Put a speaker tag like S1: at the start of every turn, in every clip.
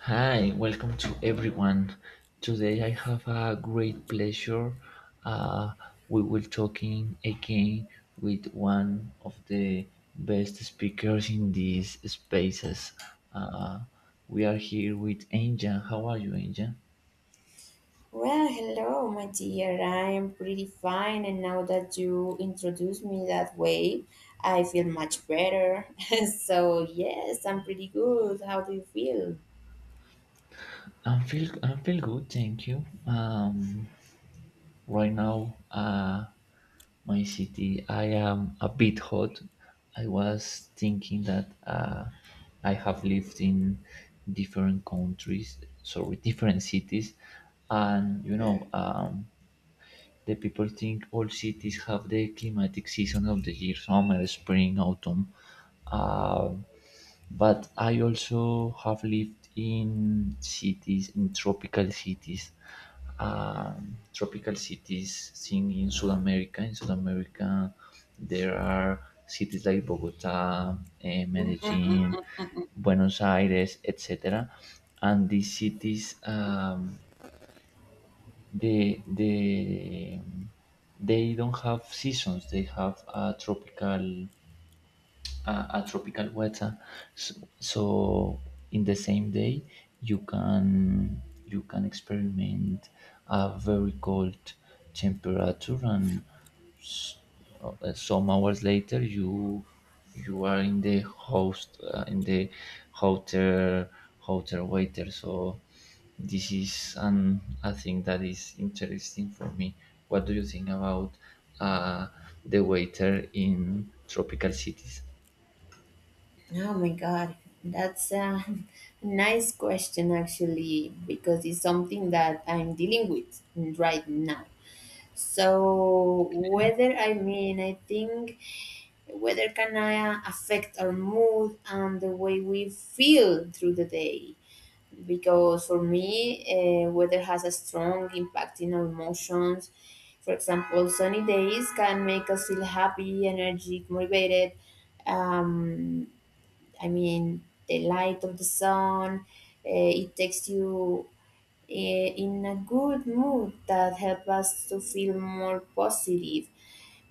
S1: Hi, welcome to everyone. Today I have a great pleasure. Uh, we will talking again with one of the best speakers in these spaces. Uh, we are here with Angel. How are you, Angel?
S2: Well, hello, my dear. I am pretty fine, and now that you introduced me that way, I feel much better. Yes, I'm pretty good. How do you feel?
S1: I feel good, thank you. Right now my city I am a bit hot I was thinking that I have lived in different countries sorry different cities and the people think all cities have the climatic season of the year, summer, spring, autumn. Um, but I also have lived in cities, in tropical cities. Tropical cities, thing in South America. In South America, there are cities like Bogota, Medellin,
S2: Mm-mm-mm.
S1: Buenos Aires, etc. And these cities the the they don't have seasons. They have a tropical a tropical weather. So, in the same day, you can experiment a very cold temperature and some hours later, you are in the hotel hotel waiter. So this is an a thing that is interesting for me. What do you think about uh, the waiter in tropical cities?
S2: Oh my God, that's a nice question actually, because it's something that I'm dealing with right now. So, whether I think whether can I affect our mood and the way we feel through the day. Because for me, weather has a strong impact in our emotions. For example, sunny days can make us feel happy, energetic, motivated. Um, I mean, the light of the sun, it takes you in a good mood that help us to feel more positive.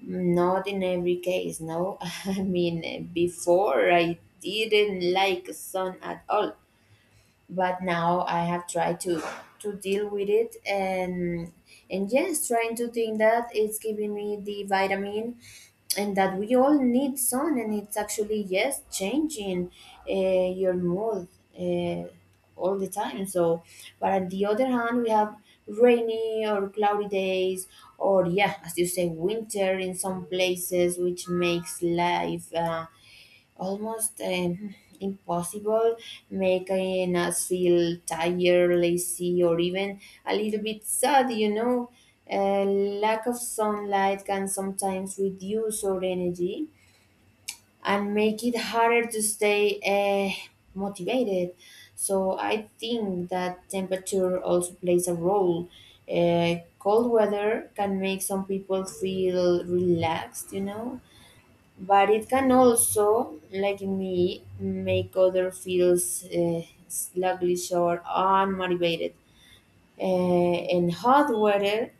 S2: Not in every case, no. I mean, before I didn't like sun at all, but now I have tried to deal with it, and yes, trying to think that it's giving me the vitamin and that we all need sun, and it's actually yes changing your mood uh, all the time. So but on the other hand we have rainy or cloudy days, or yeah, as you say, winter in some places, which makes life almost impossible, making us feel tired, lazy, or even a little bit sad, you know. Lack of sunlight can sometimes reduce our energy and make it harder to stay motivated. So I think that temperature also plays a role. Cold weather can make some people feel relaxed, you know, but it can also, like me, make others feel sluggish or unmotivated. And hot weather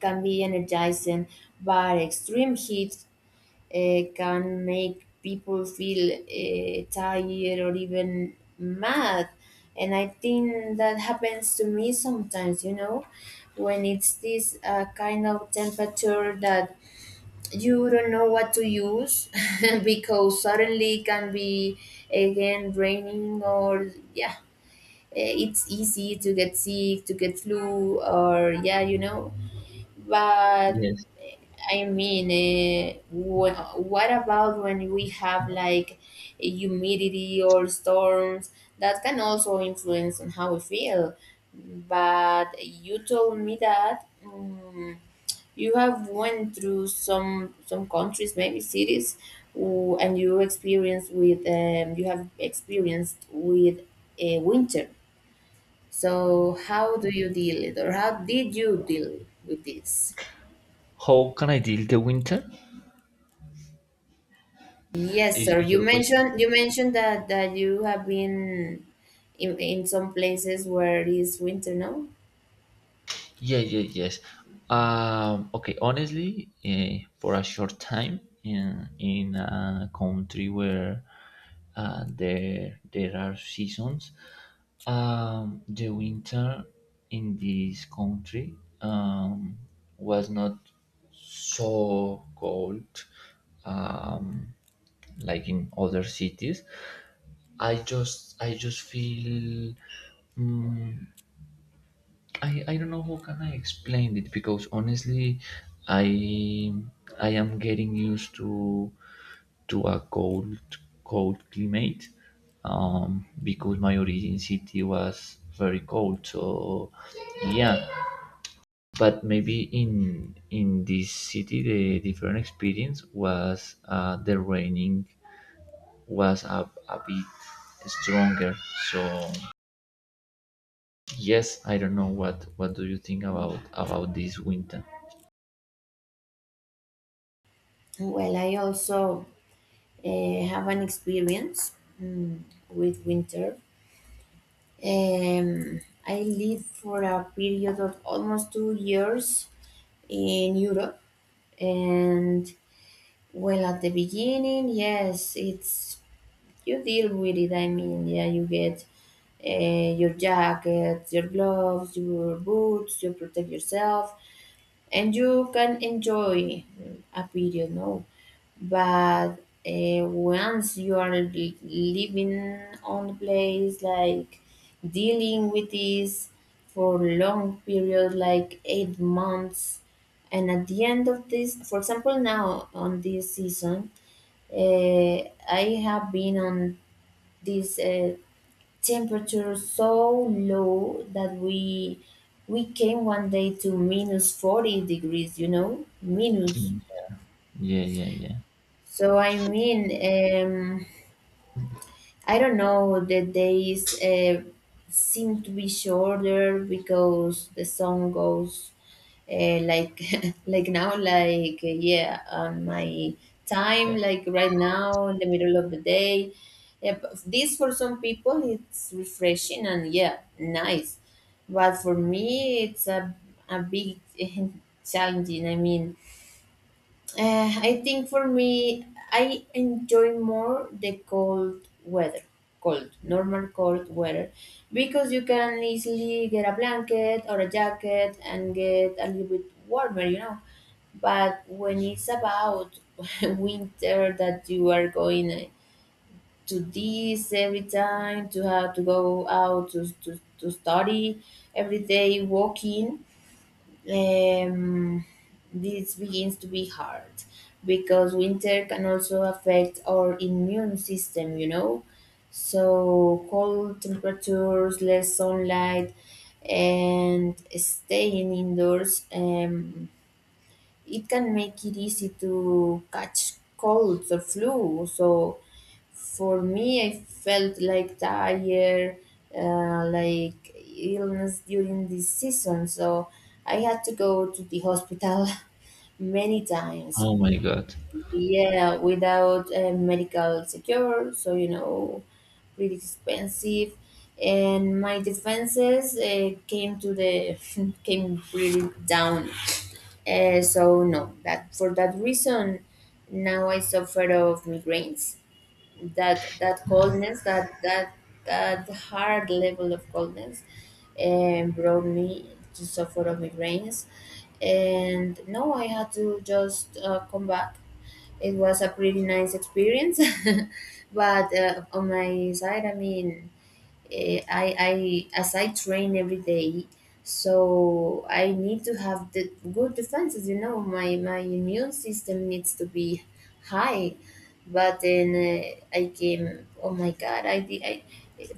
S2: can be energizing, but extreme heat can make people feel tired or even mad. And I think that happens to me sometimes, you know, when it's this kind of temperature that you don't know what to use because suddenly it can be again raining or yeah, it's easy to get sick, to get flu, or yeah, you know, but
S1: Yes.
S2: I mean, what about when we have like humidity or storms? That can also influence on how we feel. But you told me that you have went through some countries, maybe cities, who, and you experienced with you have experienced with a winter. So how do you deal it, or how did you deal with this?
S1: How can I deal the winter?
S2: Yes, sir.
S1: Is
S2: You
S1: your question?
S2: mentioned you mentioned that that you have been in some places where it is winter, no?
S1: Yeah, yeah, yes. Okay, honestly, for a short time in a country where there are seasons, the winter in this country um, was not so cold um, like in other cities. I just feel. mm, I don't know how can I explain it because honestly, I I am getting used to a cold climate because my origin city was very cold. So yeah, but maybe in this city the different experience was the raining was a bit stronger. So yes, I don't know what do you think about this winter.
S2: Well, I also have an experience mm, with winter. Um, I lived for a period of almost 2 years in Europe, and well, at the beginning, yes, it's you deal with it. I mean, yeah, you get your jacket, your gloves, your boots, you protect yourself, and you can enjoy a period, no? But once you are living on the place, like dealing with this for long period, like 8 months, and at the end of this, for example, now on this season, uh, I have been on this temperature so low that we came one day to minus 40 degrees, you know, minus.
S1: Yeah, yeah, yeah,
S2: So I mean, I don't know, the days seem to be shorter because the sun goes like like now, like yeah, on my
S1: yeah.
S2: time, like right now in the middle of the day. Yeah, but this for some people it's refreshing and yeah, nice. But for me, it's a big challenging. I mean, I think for me, I enjoy more the cold weather, cold, normal cold weather, because you can easily get a blanket or a jacket and get a little bit warmer, you know. But when it's about winter that you are going to this every time, to have to go out to study every day, walking. Um, this begins to be hard because winter can also affect our immune system, you know. So, cold temperatures, less sunlight, and staying indoors, it can make it easy to catch colds or flu. So, for me, I felt like tired, like illness during this season, so I had to go to the hospital many times.
S1: Oh my God.
S2: Yeah, without medical secure, so you know, pretty expensive. And my defenses came to the came really down. So no, that for that reason, now I suffer of migraines that that
S1: Yeah.
S2: coldness that that that hard level of coldness and brought me to suffer of migraines, and no, I had to just come back. It was a pretty nice experience but on my side I mean, I as I train every day, so I need to have the good defenses. You know, my immune system needs to be high. But then I came. Oh my God! I did. I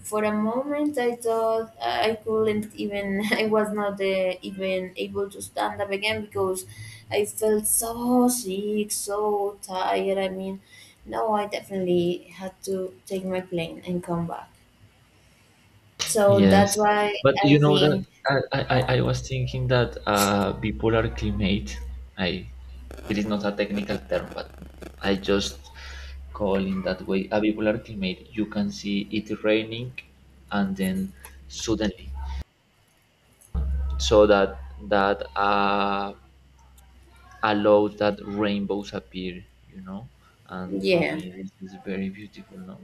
S2: for a moment I thought I couldn't even. I was not even able to stand up again because I felt so sick, so tired. I mean, no, I definitely had to take my plane and come back. So that's
S1: Yes,
S2: why
S1: but
S2: I
S1: you know that
S2: think,
S1: I, I, I
S2: yeah,
S1: I was thinking that bipolar climate. I it is not a technical term, but I just call in that way. A bipolar climate. You can see it raining, and then suddenly, so that that allows that rainbows appear. You know, and for
S2: yeah,
S1: me, this is very beautiful. No.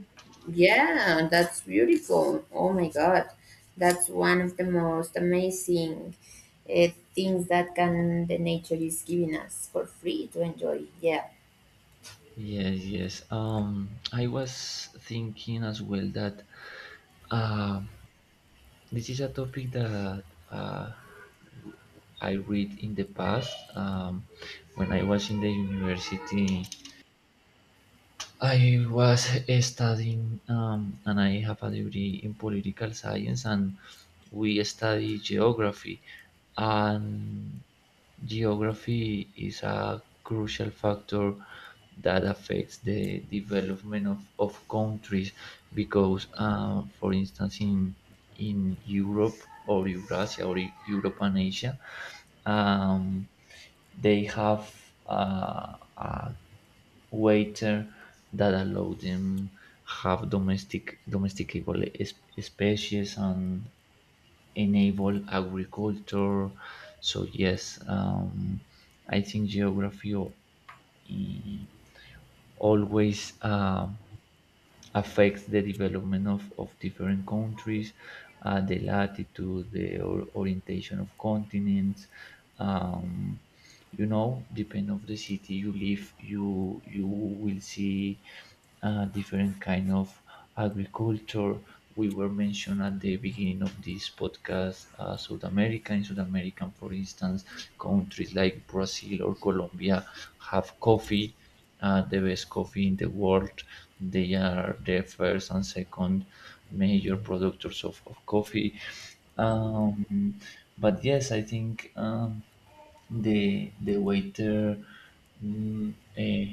S2: yeah, that's beautiful. Oh my God, that's one of the most amazing uh, things that can the nature is giving us for free to enjoy. Yeah.
S1: Yes, yes. I was thinking as well that uh, this is a topic that uh, w- I read in the past. When I was in the university, I was studying and I have a degree in political science, and we study geography. And geography is a crucial factor that affects the development of countries because, for instance, in Europe or Eurasia or Europe and Asia, um, they have a waiter that allow them have domestic domesticable species and enable agriculture. So yes, I think geography i- always. Affects the development of different countries, the latitude, the orientation of continents. Um, you know, depend of the city you live, you will see different kind of agriculture. We were mentioned at the beginning of this podcast, South America. In South America, for instance, countries like Brazil or Colombia have coffee the best coffee in the world. They are the first and second major producers of coffee. Um, but yes, I think the waiter mm, eh,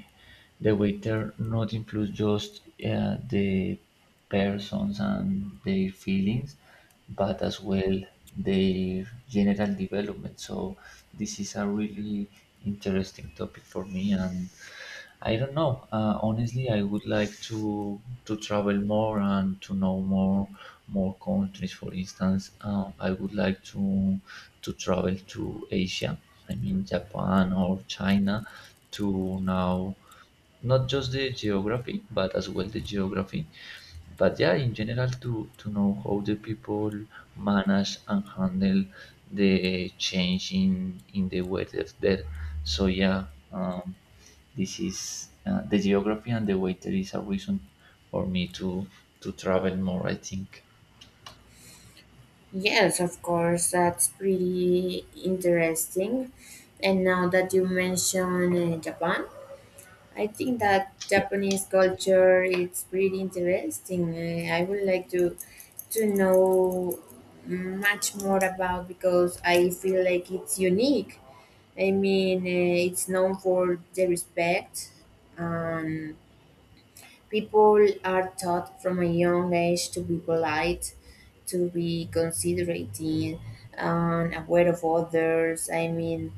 S1: the waiter not includes just the persons and their feelings but as well their general development. So this is a really interesting topic for me, and I don't know. Honestly, I would like to travel more and to know more more countries. For instance, I would like to travel to Asia. I mean, Japan or China to now not just the geography but as well the geography but yeah in general to know how the people manage and handle the change in the weather there so um, this is the geography and the weather is a reason for me to travel more I think
S2: Yes, of course, that's pretty interesting. And now that you mention Japan, I think that Japanese culture it's pretty interesting. I would like to know much more about because I feel like it's unique. I mean, it's known for the respect. Um, people are taught from a young age to be polite, to be considerate, and aware of others. I mean,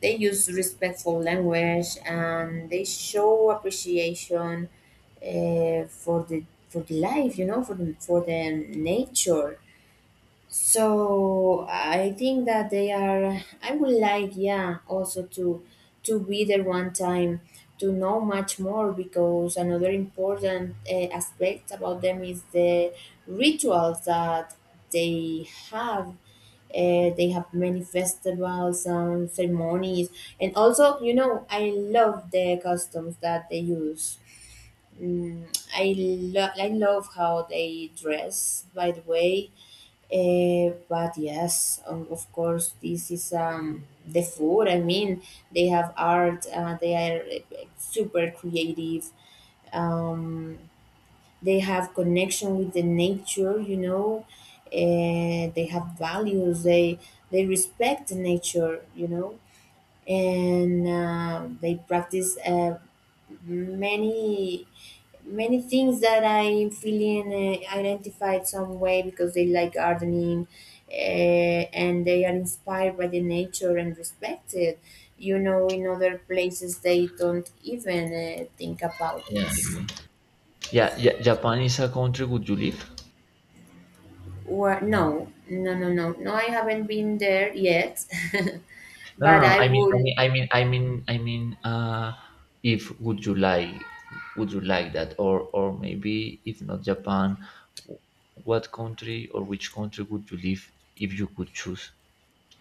S2: they use respectful language and they show appreciation for the life, you know, for the nature. So I think that they are. I would like, yeah, also to be there one time to know much more because another important aspect about them is the rituals that they have. They have many festivals and ceremonies, and also, you know, I love the customs that they use. Mm, I I love how they dress, by the way, but yes, of course, this is the food. I mean, they have art. They are super creative. Um, they have connection with the nature. You know, they have values. They respect the nature. You know, and they practice many many things that I'm feeling identified some way because they like gardening, and they are inspired by the nature and respected. You know, in other places they don't even think about
S1: yeah
S2: this.
S1: yeah japan is a country would you live
S2: Or no, no, no, no, no. I haven't been there yet,
S1: No,
S2: but
S1: no, no. I
S2: I
S1: mean, I
S2: would
S1: mean, I mean, I mean, I mean. If would you like, would you like that, or maybe if not Japan, w- what country or which country would you live if you could choose,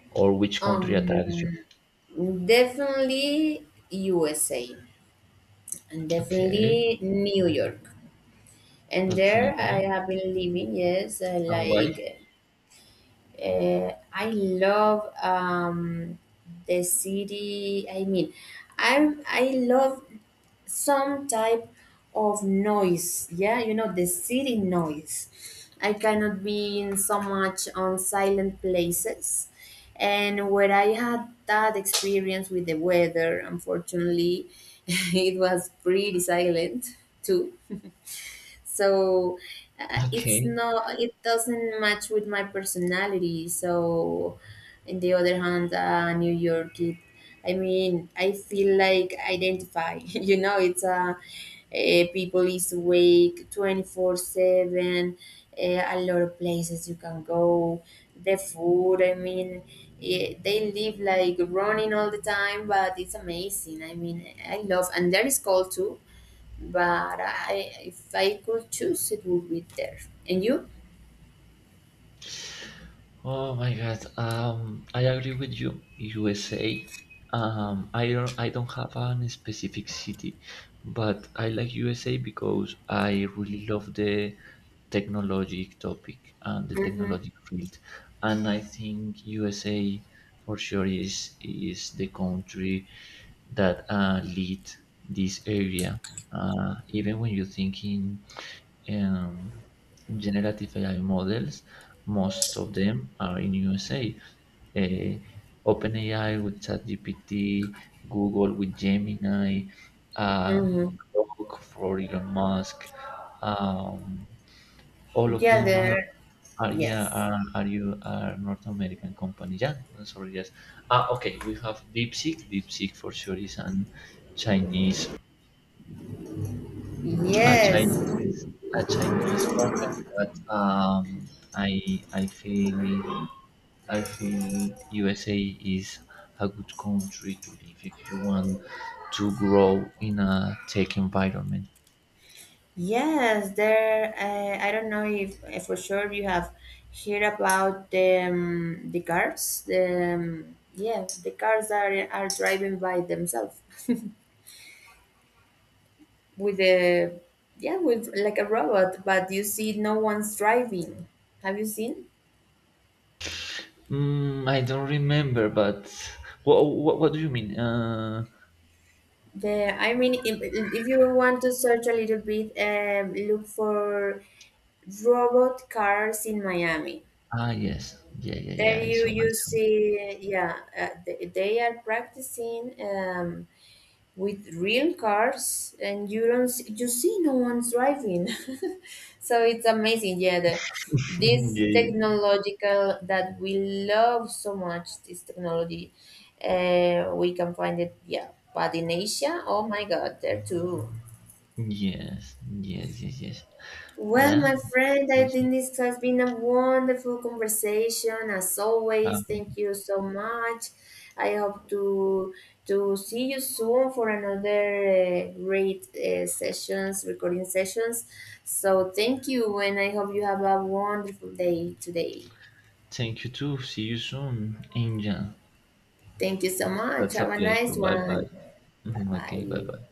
S1: or which country attracts you?
S2: um, definitely USA and
S1: Okay,
S2: definitely New York. And there
S1: okay,
S2: I have been living. Yes,
S1: and why?
S2: like I love the city. I mean, I love some type of noise. Yeah, you know the city noise. I cannot be in so much on silent places. And where I had that experience with the weather, unfortunately, it was pretty silent too, so it's
S1: Okay,
S2: not, it doesn't match with my personality. So on the other hand New York, it I mean, I feel like identify, you know, it's a people is awake 24/7. A lot of places you can go, the food, I mean, they live like running all the time, but it's amazing, I mean I love, and there is cold too, but I, if I could choose, it would be there. And you?
S1: oh my God. I agree with you. USA. I don't. I don't have a specific city, but I like USA because I really love the technology topic and the
S2: Mm-hmm.
S1: technology field, and I think USA for sure is the country that lead this area. Even when you think in um, generative AI models. Most of them are in USA. Uh, OpenAI with ChatGPT, Google with Gemini, uh,
S2: Mm-hmm.
S1: Grok for Elon Musk. Um, all of
S2: Yeah,
S1: them
S2: there.
S1: are yeah
S2: Yes.
S1: are you are North American companies. Yeah, no, sorry, yes. Ah, okay. We have DeepSeek. DeepSeek for sure is an Chinese a
S2: Yes.
S1: Chinese a Chinese company, but I feel USA is a good country to live if you want to grow in a tech environment.
S2: Yes, there. I don't know if for sure you have heard about the cars. The yeah, the cars are driving by themselves with a yeah with like a robot, but you see no one's driving. Have you seen?
S1: I don't remember, but what do you mean?
S2: Yeah, I mean, if you want to search a little bit, look for robot cars in Miami.
S1: Yes, yeah.
S2: There you
S1: I
S2: you see, yeah, they are practicing with real cars, and you don't see, you see no one's driving. So it's amazing, yeah. The,
S1: saw.
S2: this
S1: Yeah.
S2: technological that we love so much, this technology, we can find it, yeah. But in Asia, oh my God, there too.
S1: Yes, yes, yes, yes.
S2: Well,
S1: Yeah.
S2: my friend, I
S1: Awesome.
S2: think this has been a wonderful conversation as always.
S1: Um,
S2: Thank you so much. I hope to see you soon for another great sessions, recording sessions. So thank you, and I hope you have a wonderful day today.
S1: thank you too. See you soon, Angel.
S2: Thank you so much.
S1: That's a
S2: Have a
S1: pleasure.
S2: nice
S1: Bye
S2: one.
S1: bye.
S2: Bye
S1: Okay, bye
S2: bye.
S1: bye.